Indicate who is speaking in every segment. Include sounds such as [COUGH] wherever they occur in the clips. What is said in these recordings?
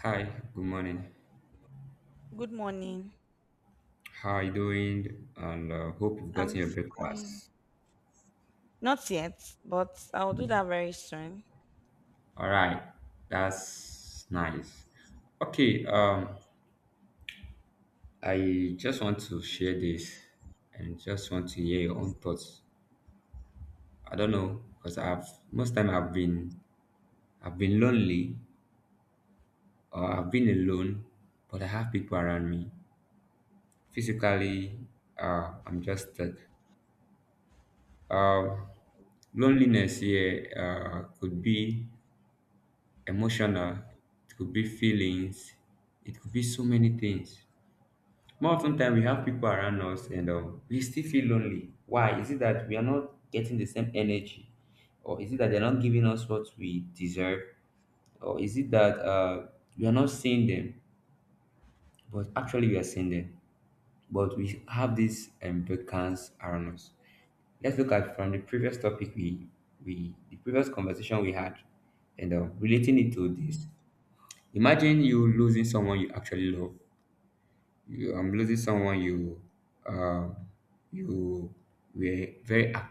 Speaker 1: Hi, good morning.
Speaker 2: Good morning.
Speaker 1: How are you doing? And hope you've gotten
Speaker 2: I'm
Speaker 1: your
Speaker 2: fine.
Speaker 1: breakfast.
Speaker 2: Not yet, but I'll do that very soon.
Speaker 1: All right, that's nice. Okay, um, I just want to share this and just want to hear your own thoughts. I don't know because I've most time I've been lonely or I've been alone, but I have people around me. Physically, I'm just stuck. Um, loneliness here could be emotional, it could be feelings, it could be so many things. More often time we have people around us and we still feel lonely. Why? Is it that we are not getting the same energy? Or is it that they're not giving us what we deserve? Or is it that we are not seeing them, but actually we are seeing them? But we have this vacance around us. Let's look at from the previous topic we, the previous conversation we had and relating it to this. Imagine you losing someone you actually love. You losing someone you um, you were very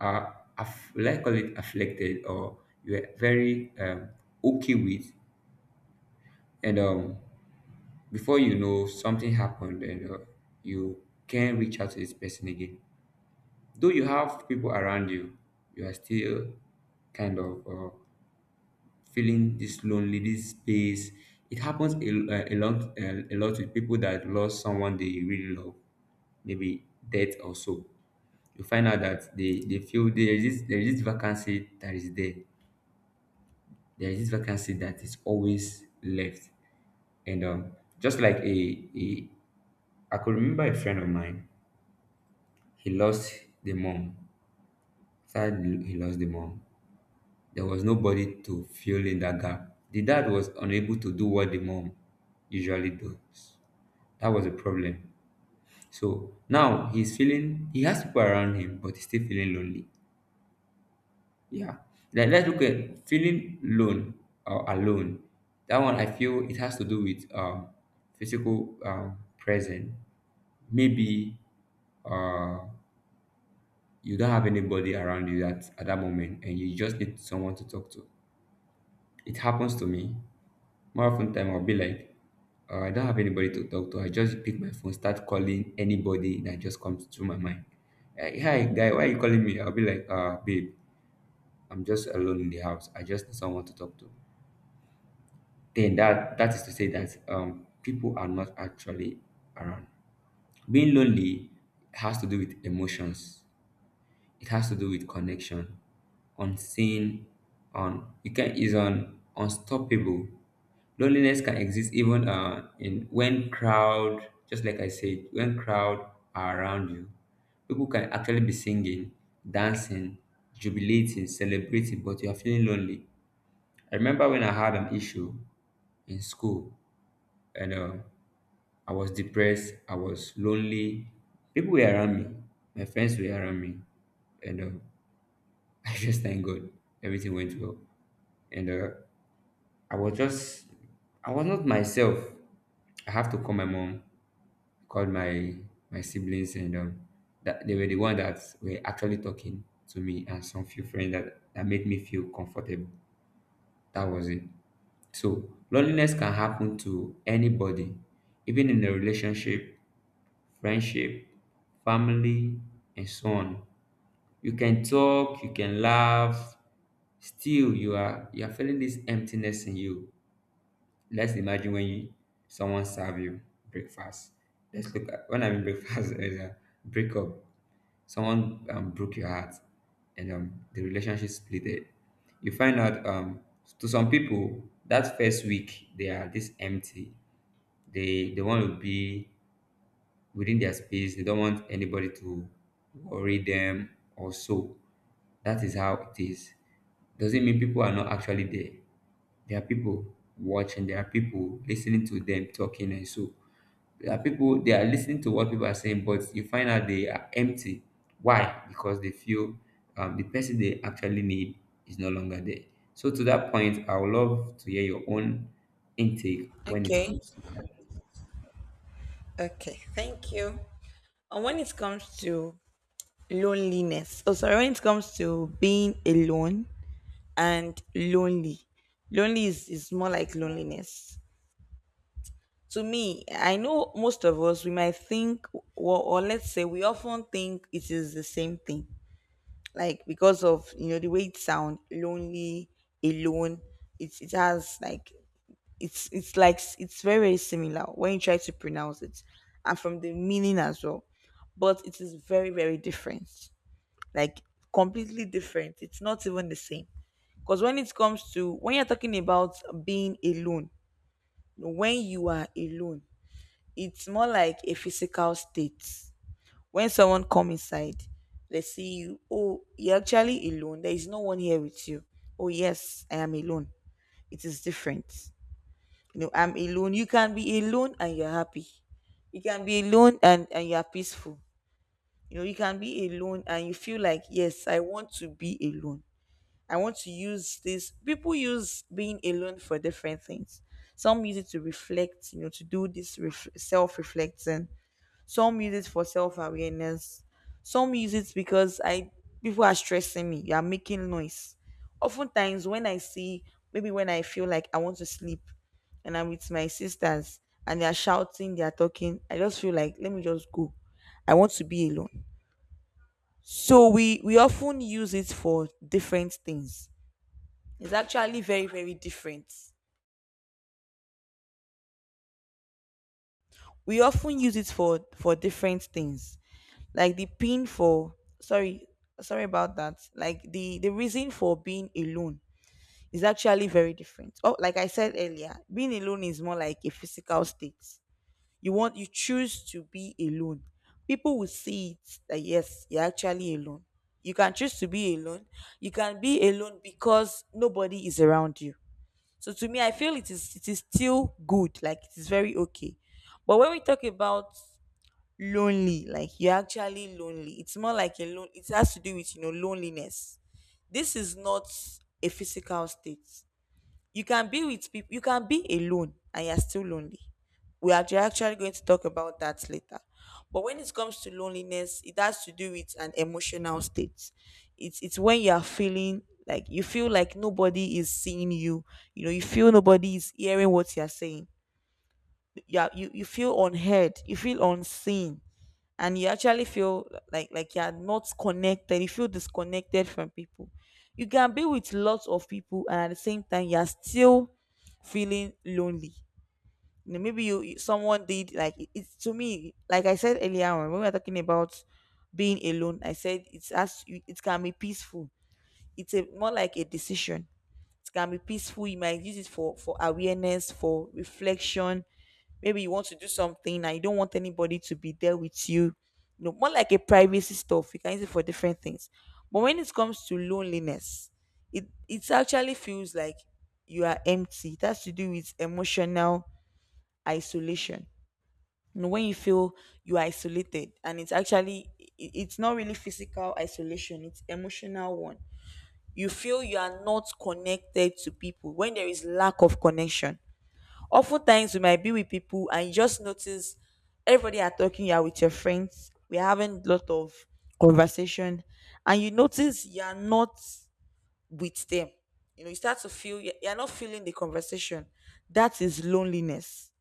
Speaker 1: uh, let's call it afflicted or you were very okay with, and before you know something happened and you can't reach out to this person again. Though you have people around you, you are still kind of feeling this lonely, this space. It happens a lot with people that lost someone they really love, maybe death or so. You find out that they feel there is this vacancy that is there. There is this vacancy that is always left. And just like a I could remember a friend of mine, he lost the mom. After he lost the mom, there was nobody to fill in that gap. The dad was unable to do what the mom usually does. That was a problem. So now he's feeling he has people around him, but he's still feeling lonely. Yeah. Like, let's look at feeling lone or alone. That one I feel it has to do with physical presence. Maybe uh, you don't have anybody around you that at that moment, and you just need someone to talk to. It happens to me. More often time I'll be like, I don't have anybody to talk to. I just pick my phone, start calling anybody that just comes to my mind. Eh, hey, hi guy, why are you calling me? I'll be like, babe, I'm just alone in the house. I just need someone to talk to. Then that is to say that people are not actually around. Being lonely has to do with emotions. It has to do with connection, unseen, on you can is on unstoppable. Loneliness can exist even in when crowd, just like I said, when crowd are around you, people can actually be singing, dancing, jubilating, celebrating, but you are feeling lonely. I remember when I had an issue in school and I was depressed, I was lonely. People were around me, my friends were around me, and [LAUGHS] I just thank God everything went well. And I was just, I was not myself. I have to call my mom, called my siblings and that they were the one that were actually talking to me and some few friends that made me feel comfortable. That was it. So loneliness can happen to anybody, even in a relationship, friendship, family, and so on. You can talk, you can laugh, still you are feeling this emptiness in you. Let's imagine when you, someone serve you breakfast. Let's look at when I mean breakfast [LAUGHS] is a breakup. Someone broke your heart, and the relationship splitted. You find out to some people that first week they are this empty. They want to be within their space. They don't want anybody to worry them or so. That is how it is. Doesn't mean people are not actually there. There are people watching, there are people listening to them talking, and so there are people they are listening to what people are saying, but you find out they are empty. Why? Because they feel the person they actually need is no longer there. So to that point, I would love to hear your own intake when it
Speaker 2: Okay.
Speaker 1: comes to that.
Speaker 2: Okay. Thank you. And when it comes to loneliness, oh, sorry, when it comes to being alone and lonely, lonely is more like loneliness. To me, I know most of us, we might think, or let's say, we often think it is the same thing. Like because of, you know, the way it sounds, lonely, alone, it has like it's like it's very similar when you try to pronounce it, and from the meaning as well, but it is very different, like completely different. It's not even the same, because when it comes to when you're talking about being alone, when you are alone, it's more like a physical state. When someone come inside, they see you, oh, you're actually alone, there is no one here with you. Oh, yes, I am alone. It is different. You know, I'm alone. You can be alone and you're happy. You can be alone and you're peaceful. You know, you can be alone and you feel like, yes, I want to be alone. I want to use this, people use being alone for different things. Some use it to reflect, you know, to do this self-reflecting. Some use it for self awareness. Some use it because I, people are stressing me. You are making noise. Oftentimes, when I see, maybe when I feel like I want to sleep, and I'm with my sisters and they are shouting, they are talking, I just feel like let me just go. I want to be alone. So we often use it for different things. It's actually very different. We often use it for different things, like the pin for, sorry, sorry about that, like the reason for being alone is actually very different. Oh, like I said earlier, being alone is more like a physical state. You want, you choose to be alone. People will see it that yes, you're actually alone. You can choose to be alone. You can be alone because nobody is around you. So to me, I feel it is still good, like it is very okay. But when we talk about lonely, like you're actually lonely, it's more like a lone, it has to do with, you know, loneliness. This is not a physical state. You can be with people, you can be alone and you're still lonely. We are actually going to talk about that later. But when it comes to loneliness, it has to do with an emotional state. It's when you are feeling like, you feel like nobody is seeing you. You know, you feel nobody is hearing what you're saying. You you feel unheard, you feel unseen, and you actually feel like, you're not connected, you feel disconnected from people. You can be with lots of people and at the same time you're still feeling lonely. You know, maybe you, someone did like, it's to me, like I said earlier on, when we were talking about being alone, I said it's, as it can be peaceful, it's a more like a decision. It can be peaceful. You might use it for awareness, for reflection. Maybe you want to do something and you don't want anybody to be there with you. You know, more like a privacy stuff. You can use it for different things. But when it comes to loneliness, it actually feels like you are empty. It has to do with emotional isolation. You know, when you feel you are isolated, and it's actually it's not really physical isolation, it's emotional one. You feel you are not connected to people, when there is lack of connection. Oftentimes we might be with people and you just notice everybody are talking, you are with your friends, we're having a lot of conversation, and you notice you are not with them. You know, you start to feel you're not feeling the conversation. That is loneliness.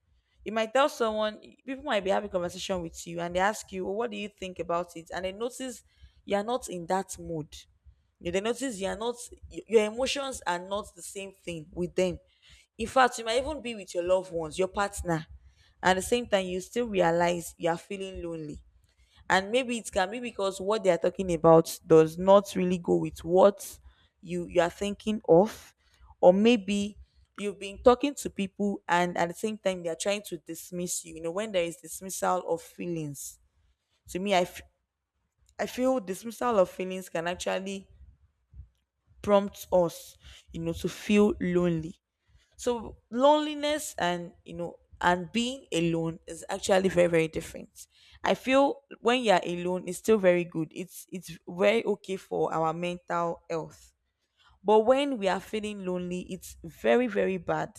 Speaker 2: You might tell someone, people might be having conversation with you and they ask you, well, what do you think about it? And they notice you're not in that mood. You, they notice you're not, your emotions are not the same thing with them. In fact, you might even be with your loved ones, your partner. At the same time, you still realize you are feeling lonely, and maybe it can be because what they are talking about does not really go with what you are thinking of. Or maybe you've been talking to people and at the same time they are trying to dismiss you. You know, when there is dismissal of feelings, to me, I feel dismissal of feelings can actually prompt us, you know, to feel lonely. So loneliness and, you know, and being alone is actually very different. I feel when you're alone it's still very good. It's very okay for our mental health, but when we are feeling lonely, it's very, very bad,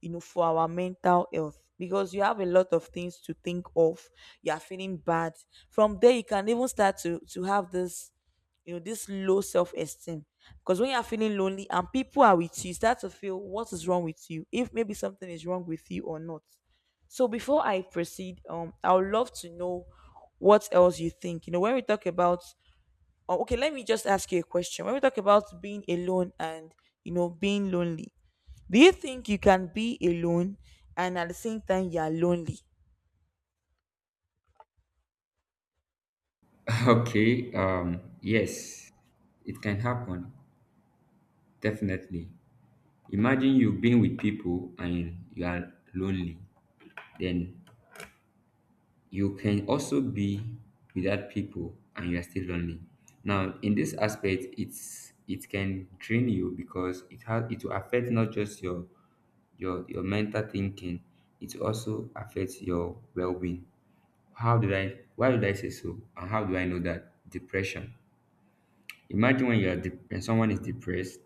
Speaker 2: you know, for our mental health, because you have a lot of things to think of. You are feeling bad. From there, you can even start to have this, you know, this low self esteem. Because when you are feeling lonely and people are with you, you start to feel what is wrong with you, if maybe something is wrong with you or not. So before I proceed, I would love to know what else you think. You know, when we talk about, oh, okay, let me just ask you a question. When we talk about being alone, and you know, being lonely, do you think you can be alone and at the same time you are lonely?
Speaker 1: [LAUGHS] Okay, yes, it can happen, definitely. Imagine you've been with people and you are lonely. Then you can also be without people and you are still lonely now. In this aspect, it can drain you because it will affect not just your mental thinking. It also affects your well-being. How did I Why did I say so, and how do I know that? Depression. Imagine when you are when someone is depressed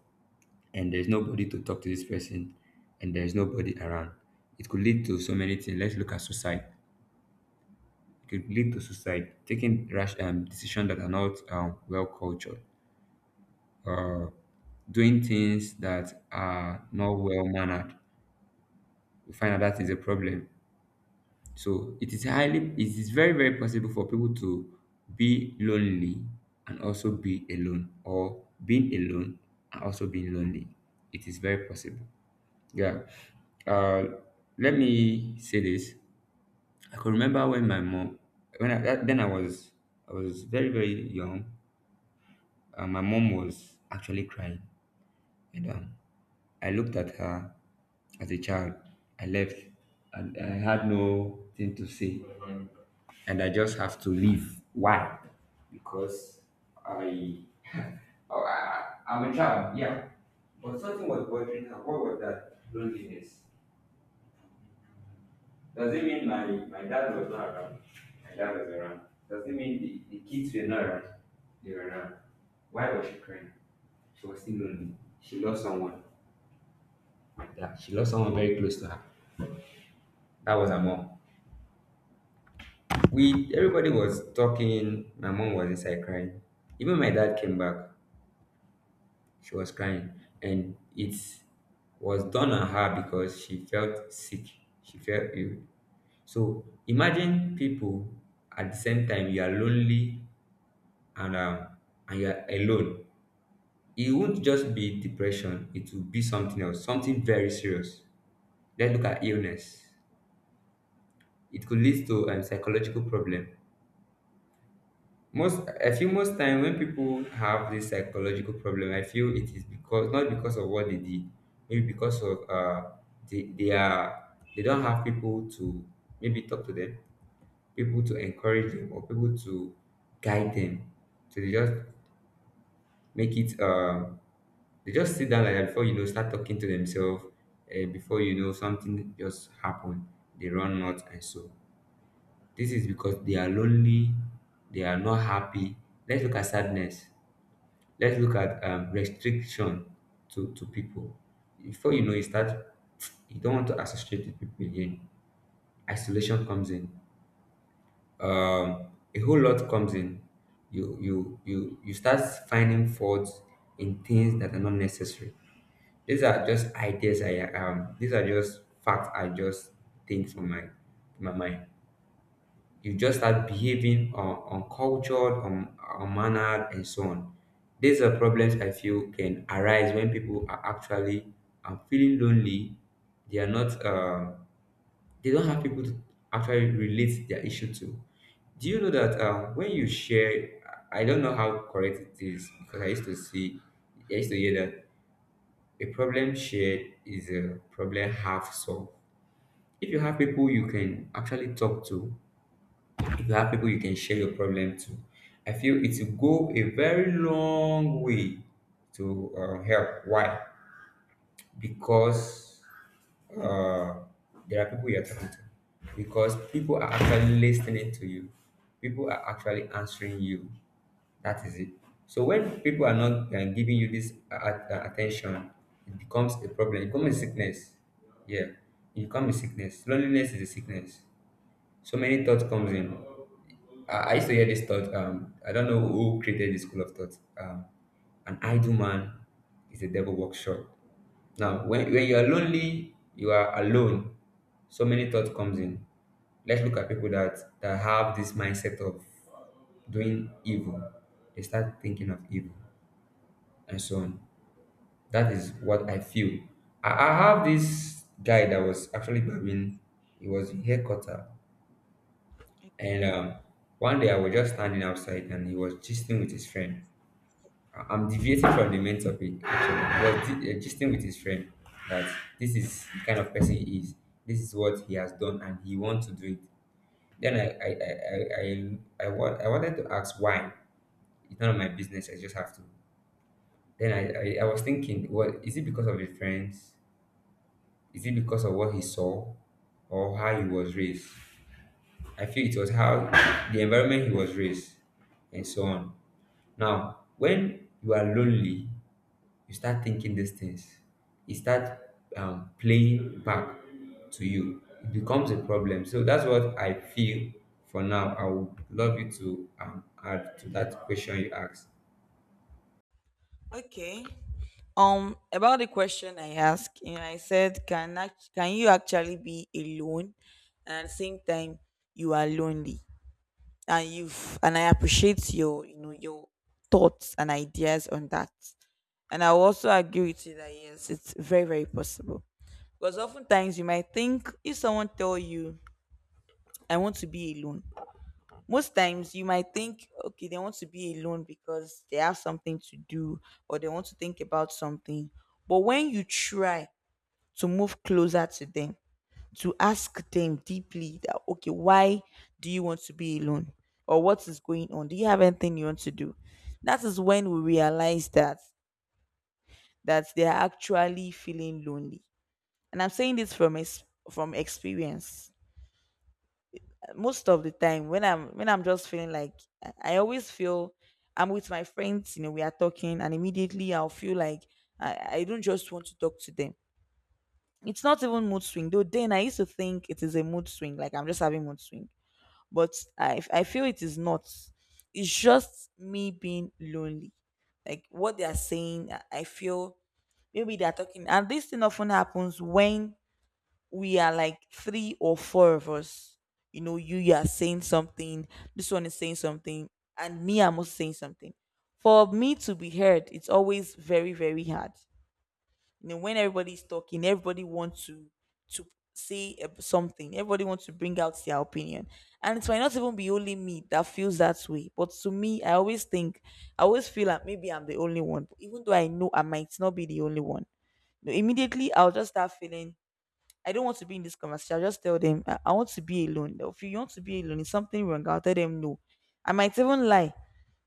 Speaker 1: and there's nobody to talk to this person and there's nobody around. It could lead to so many things. Let's look at suicide. Could lead to suicide, taking rash decisions that are not well cultured, uh, doing things that are not well mannered. We find out that is a problem. So it is highly, it is very, very possible for people to be lonely and also be alone, or being alone and also being lonely. It is very possible. Yeah. Uh, let me say this. I could remember when my mom, when I, that, then I was very, very young. My mom was actually crying, and I looked at her as a child. I left, and I had no thing to say, and I just have to leave. Why? Because I, oh, I I'm a child, yeah. But something was bothering her. What was that? Loneliness. Does it mean my dad was not around? My dad was around. Does it mean the kids were not around? They were around. Why was she crying? She was still lonely. She lost someone. Yeah, she lost someone very close to her. That was her mom. We everybody was talking. My mom was inside crying. Even my dad came back. She was crying, and it was done on her because she felt sick. She felt ill. So imagine people at the same time you are lonely and and you are alone. It won't just be depression. It will be something else, something very serious. Let's look at illness. It could lead to a psychological problem. Most, I feel, most time when people have this psychological problem, I feel it is because not because of what they did, maybe because of they don't have people to maybe talk to them, people to encourage them, or people to guide them. So they just make it, they just sit down like that, before you know start talking to themselves. Before you know something just happened, they run out and so. This is because they are lonely, they are not happy. Let's look at sadness. Let's look at restriction to people. Before you know it, start you don't want to associate with people again. Isolation comes in. A whole lot comes in. You start finding faults in things that are not necessary. These are just ideas I these are just facts I just think from my mind. You just start behaving uncultured, unmannered, and so on. These are problems I feel can arise when people are actually feeling lonely. They are not. They don't have people to actually relate their issue to. Do you know that when you share? I don't know how correct it is because I used to see, I used to hear that a problem shared is a problem half solved. If you have people you can actually talk to, if you have people you can share your problem to, I feel it will go a very long way to help. Why? Because uh, there are people you're talking to. Because people are actually listening to you. People are actually answering you. That is it. So when people are not giving you this attention, it becomes a problem. It becomes a sickness. Yeah, it becomes a sickness. Loneliness is a sickness. So many thoughts comes in. I used to hear this thought, I don't know who created this school of thought. An idle man is a devil workshop. Now when you are lonely, you are alone, so many thoughts comes in. Let's look at people that have this mindset of doing evil. They start thinking of evil and so on. That is what I feel. I have this guy that was actually barbing, he was in hair cutter, and
Speaker 2: Okay.
Speaker 1: one day I was just standing outside and he was gisting with his friend. I'm deviating from the main topic actually. He was gisting with his friend that this is the kind of person he is. This is what he has done and he wants to do it. Then I wanted to ask why. It's none of my business. I just have to. Then I was thinking, well, is it because of his friends? Is it because of what he saw or how he was raised? I feel it was how the environment he was raised and so on. Now, when you are lonely, you start thinking these things. It start playing back to you. It becomes a problem. So that's what I feel for now. I would love you to add to that question you asked.
Speaker 2: Okay. About the question I asked, you know, I said, can can you actually be alone and at the same time you are lonely? And I appreciate your, you know, your thoughts and ideas on that. And I will also agree with you that yes, it's very possible. Because oftentimes you might think if someone tell you, I want to be alone, most times you might think, okay, they want to be alone because they have something to do or they want to think about something. But when you try to move closer to them, to ask them deeply that, okay, why do you want to be alone? Or what is going on? Do you have anything you want to do? That is when we realize that they are actually feeling lonely. And I'm saying this from from experience. Most of the time when I'm just feeling like, I always feel I'm with my friends, you know, we are talking, and immediately I'll feel like, I don't just want to talk to them. It's not even mood swing, though then I used to think it is a mood swing, like I'm just having mood swing. But I feel it is not, it's just me being lonely. Like what they are saying, I feel maybe they are talking, and this thing often happens when we are like three or four of us. You know, you are saying something, this one is saying something, and me, I'm also saying something. For me to be heard, it's always very, very hard. You know, when everybody's talking, everybody wants to say something. Everybody wants to bring out their opinion, and it might not even be only me that feels that way. But to me, I always think, I always feel like maybe I'm the only one, even though I know I might not be the only one. You know, immediately, I'll just start feeling I don't want to be in this conversation. I'll just tell them I want to be alone. They'll feel, you want to be alone, is something wrong? I'll tell them no. I might even lie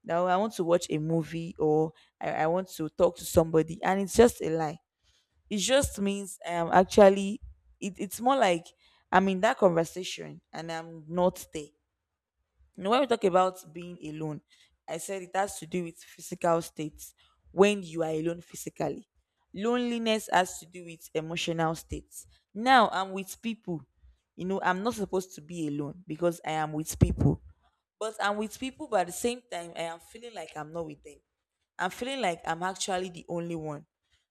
Speaker 2: that, "Oh, I want to watch a movie, or I want to talk to somebody," and it's just a lie. It just means I'm actually, it's more like I'm in that conversation and I'm not there. You know, when we talk about being alone, I said it has to do with physical states, when you are alone physically. Loneliness has to do with emotional states. Now I'm with people. You know, I'm not supposed to be alone because I am with people. But I'm with people, but at the same time, I am feeling like I'm not with them. I'm feeling like I'm actually the only one.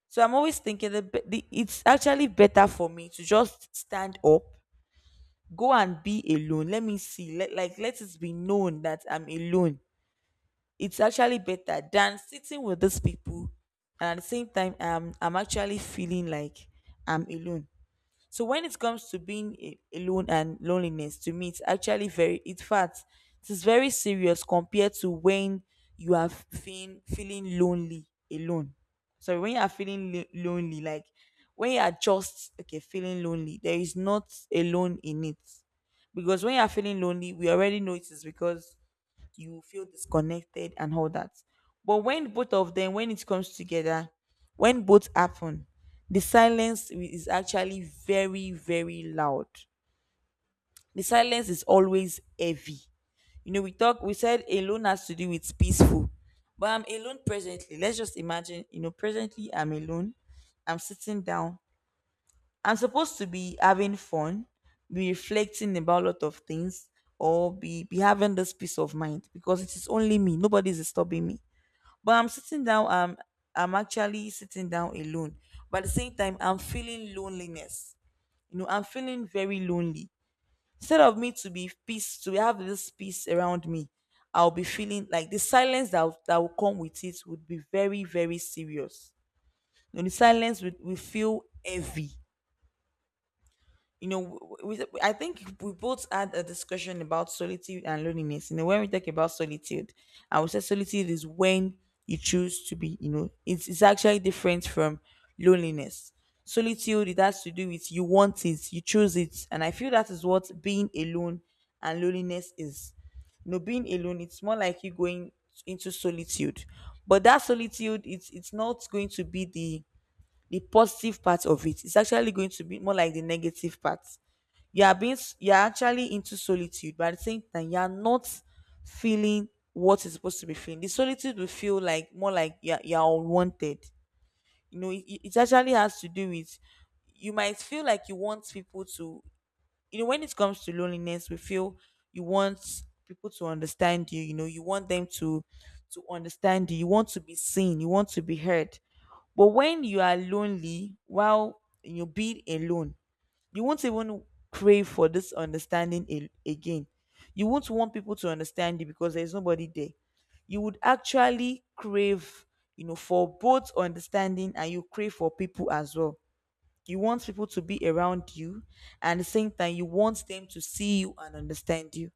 Speaker 2: So I'm always thinking that it's actually better for me to just stand up, go and be alone. Let me see let, like let it be known that I'm alone. It's actually better than sitting with these people, and at the same time I'm actually feeling like I'm alone. So when it comes to being alone and loneliness, to me, it's actually very, in fact, it is very serious compared to when you are feeling lonely alone. Sorry, when you are feeling lonely, like when you are just okay feeling lonely, there is not alone in it, because when you are feeling lonely, we already know it is because you feel disconnected and all that. But when both of them, when it comes together, when both happen, the silence is actually very, very loud. The silence is always heavy. You know, we talk, we said alone has to do with peaceful, but I'm alone presently. Let's just imagine, presently I'm alone. I'm sitting down. I'm supposed to be having fun, be reflecting about a lot of things, or be having this peace of mind because it is only me. Nobody's disturbing me. But I'm sitting down, I'm actually sitting down alone. But at the same time, I'm feeling loneliness. You know, I'm feeling very lonely. Instead of me to be peace, to have this peace around me, I'll be feeling like the silence that will come with it would be very, very serious. You know, the silence will feel heavy. you know, w- we, I think we both had a discussion about solitude and loneliness. You know, when we talk about solitude, I would say solitude is when you choose to be, it's actually different from loneliness. Solitude, it has to do with you want it, you choose it. And I feel that is what being alone and loneliness is. You know, being alone, it's more like you going into solitude. But that solitude, it's not going to be the positive part of it is actually going to be more like the negative part. You are being you are actually into solitude, but at the same time, you are not feeling what is supposed to be feeling. The solitude will feel like more like you are unwanted. You know, it actually has to do with you might feel like you want people to, when it comes to loneliness we feel, you want people to understand you. You know You want them to understand you. You want to be seen, you want to be heard, but when you are lonely while you being alone, you won't even crave for this understanding again. You won't want people to understand you because there's nobody there. You would actually crave, you know, for both understanding, and you crave for people as well. You want people to be around you, and at the same time, you want them to see you and understand you.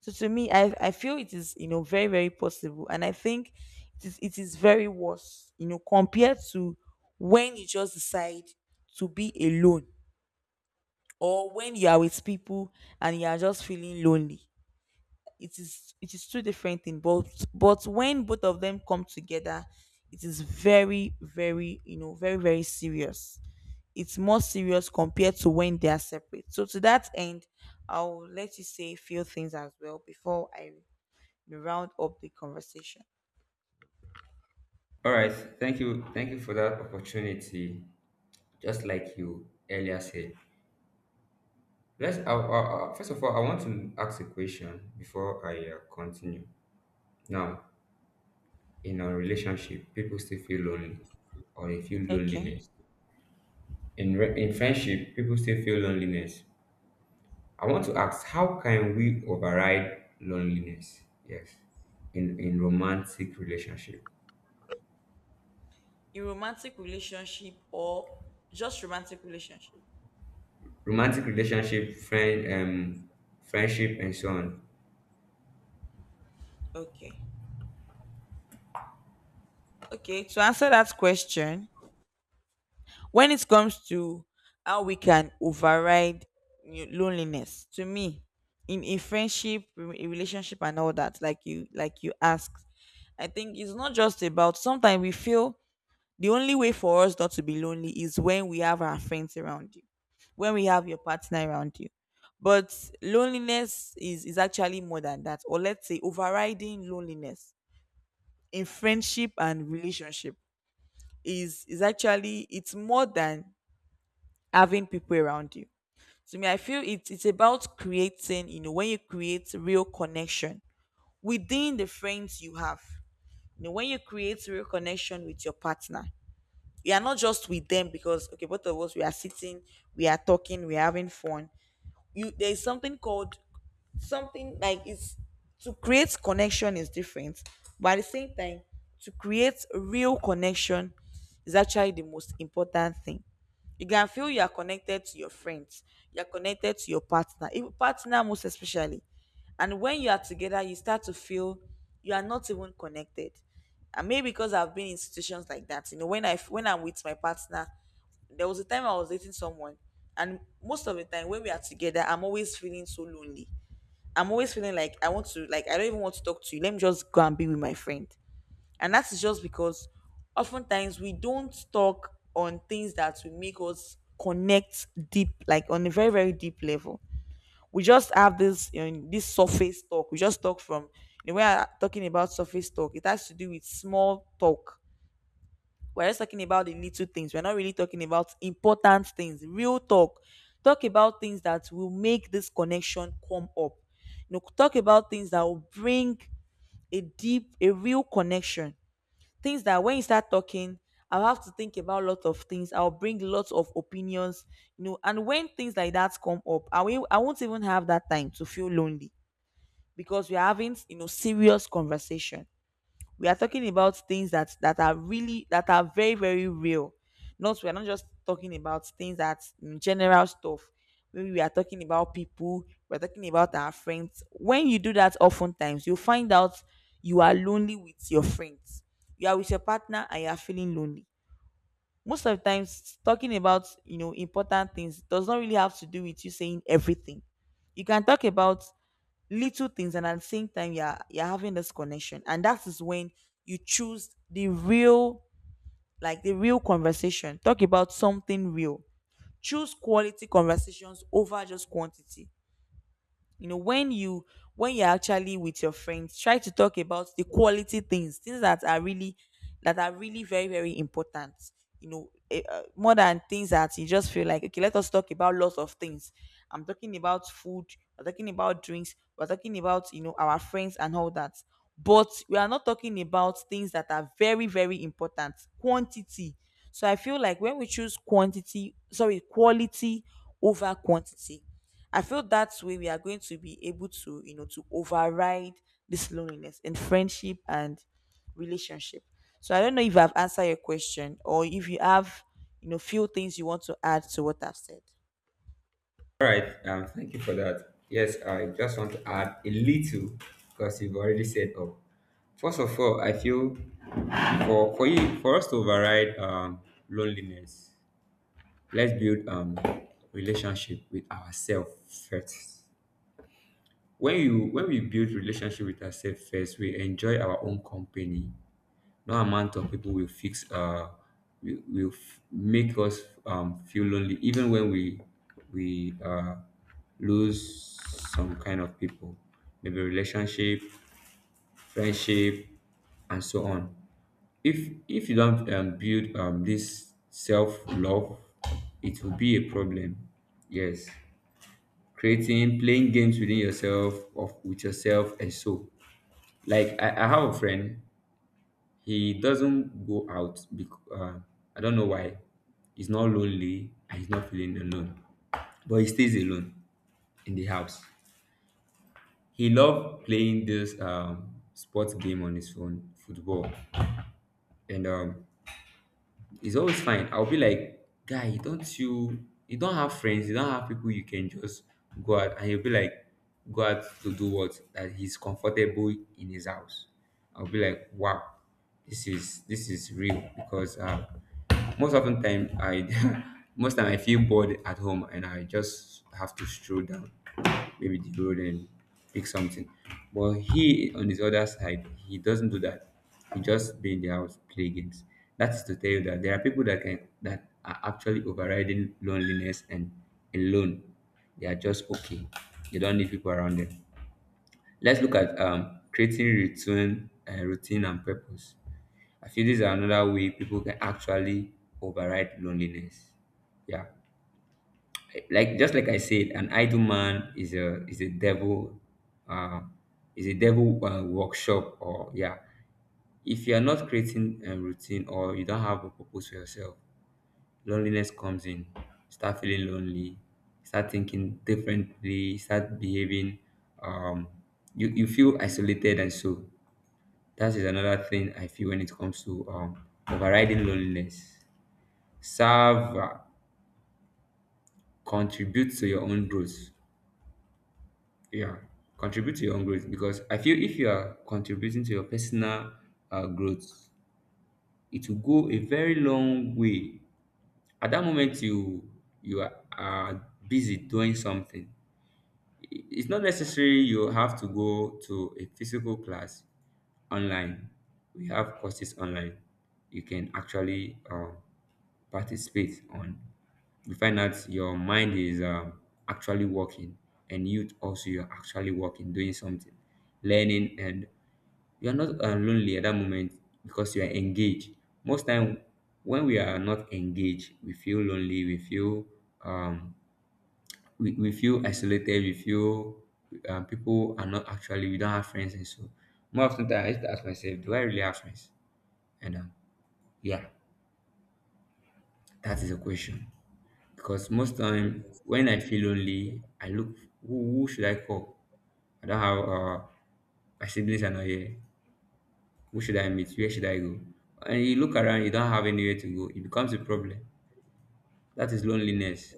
Speaker 2: So to me, I feel it is, very very possible, and I think it is very worse, compared to when you just decide to be alone, or when you are with people and you are just feeling lonely. It is, it is two different things, but when both of them come together, it is very very, very very serious. It's more serious compared to when they are separate. So to that end, I'll let you say a few things as well before I round up the conversation.
Speaker 1: All right. Thank you. Thank you for that opportunity. Just like you earlier said. Let's. First of all, I want to ask a question before I continue. Now, in a relationship, people still feel lonely, or they feel
Speaker 2: Okay.
Speaker 1: loneliness. In friendship, people still feel loneliness. I want to ask, how can we override loneliness? Yes, in
Speaker 2: In romantic relationship, or just romantic relationship?
Speaker 1: romantic relationship, friendship, and so on.
Speaker 2: Okay. Okay, to answer that question. When it comes to how we can override loneliness, to me, in a friendship, a relationship, and all that, like you asked, I think it's not just about. Sometimes we feel the only way for us not to be lonely is when we have our friends around you, when we have your partner around you. But loneliness is actually more than that. Or let's say overriding loneliness in friendship and relationship is actually it's more than having people around you. To me, I feel it's about creating, when you create real connection within the friends you have. You know, when you create real connection with your partner, you are not just with them because okay, both of us we are sitting, we are talking, we are having fun. You There is something called, something like, it's to create connection is different, but at the same time, to create real connection is actually the most important thing. You can feel you are connected to your friends, you're connected to your partner, even partner most especially. And when you are together, you start to feel you are not even connected. And maybe because I've been in situations like that, when I'm with my partner, there was a time I was dating someone, and most of the time when we are together I'm always feeling so lonely. I'm always feeling like I want to, like I don't even want to talk to you. Let me just go and be with my friend. And that is just because oftentimes we don't talk on things that will make us connect deep, like on a very, very deep level. We just have this, this surface talk. We just talk from the way I'm talking about surface talk. It has to do with small talk. We're just talking about the little things. We're not really talking about important things. Real talk. Talk about things that will make this connection come up. You know, talk about things that will bring a deep, a real connection. Things that when you start talking, I'll have to think about a lot of things. I'll bring lots of opinions, you know. And when things like that come up, I won't even have that time to feel lonely, because we're having, serious conversation. We are talking about things that are really, that are very very real. Not we are not just talking about things that general stuff, maybe we are talking about people, we're talking about our friends. When you do that, oftentimes you find out you are lonely with your friends, you are with your partner and you are feeling lonely. Most of the times, talking about, important things does not really have to do with you saying everything. You can talk about little things, and at the same time you're having this connection. And that is when you choose the real, the real conversation, talk about something real. Choose quality conversations over just quantity. You know, when you're actually with your friends, try to talk about the quality things, things that are really, that are really very very important. You know, more than things that you just feel like okay, let us talk about lots of things. I'm talking about food, we're talking about drinks, we're talking about, our friends and all that. But we are not talking about things that are very very important. Quantity. So I feel like when we choose quantity, sorry, quality over quantity, I feel that way we are going to be able to, to override this loneliness in friendship and relationship. So I don't know if I've answered your question, or if you have, few things you want to add to what I've said.
Speaker 1: All right. Thank you for that. Yes, I just want to add a little because you've already said up. First of all, I feel for you, for us to override loneliness, let's build relationship with ourselves first. When you when we build relationship with ourselves first, we enjoy our own company. No amount of people will fix will f- make us feel lonely even when we we uh lose some kind of people, maybe relationship, friendship, and so on. If you don't build this self love, it will be a problem. Yes, creating, playing games within yourself of with yourself and so. Like I have a friend, he doesn't go out because I don't know why. He's not lonely and he's not feeling alone, but he stays alone in the house. He loved playing this sports game on his phone, football, and it's always fine. I'll be like, guy, don't you you don't have friends, you don't have people you can just go out? And he'll be like, go out to do what? That he's comfortable in his house. I'll be like, wow, this is real because most often time I [LAUGHS] most time I feel bored at home and I just have to stroll down maybe the road and pick something. But he on his other side, he doesn't do that, you just stay in the house, play games. That's to tell you that there are people that are actually overriding loneliness and alone. They are just okay. They don't need people around them. Let's look at creating routine and purpose. I feel this is another way people can actually override loneliness. Yeah, like just like I said, an idle man is a devil, uh, is a devil workshop, or yeah, if you are not creating a routine or you don't have a purpose for yourself, loneliness comes in. Start feeling lonely. Start thinking differently. Start behaving. Um, you, feel isolated, and so that is another thing I feel when it comes to overriding loneliness. Serve, uh, contribute to your own growth. Yeah, contribute to your own growth because I feel if you are contributing to your personal growth, it will go a very long way. At that moment, you, are busy doing something. It's not necessary you have to go to a physical class. Online, we have courses online you can actually participate on. You find out your mind is actually working, and you also, you're actually working, doing something, learning, and you are not lonely at that moment because you are engaged. Most time when we are not engaged, we feel lonely, we feel um we, feel isolated, we feel people are not actually, we don't have friends, and so more often than, I used to ask myself, do I really have friends? And yeah, that is a question, because most time when I feel lonely I look, who should I call? I don't have my siblings are not here. Who should I meet? Where should I go? And you look around, you don't have anywhere to go. It becomes a problem. That is loneliness.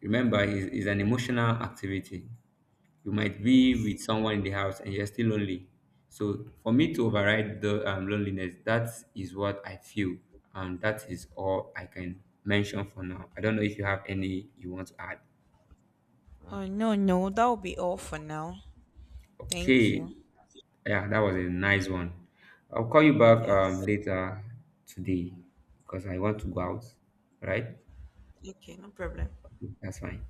Speaker 1: Remember, it's an emotional activity. You might be
Speaker 2: Yes.
Speaker 1: with someone in the house and you're still lonely. So for me to override the loneliness, that is what I feel, and that is all I can mention for now. I don't know if you have any you want to add.
Speaker 2: Oh, no, no. That will be all for now. Thank
Speaker 1: Okay,
Speaker 2: you.
Speaker 1: yeah, that was a nice one. I'll call you back
Speaker 2: Yes.
Speaker 1: later today because I want to go out. Right?
Speaker 2: Okay, no problem.
Speaker 1: That's fine.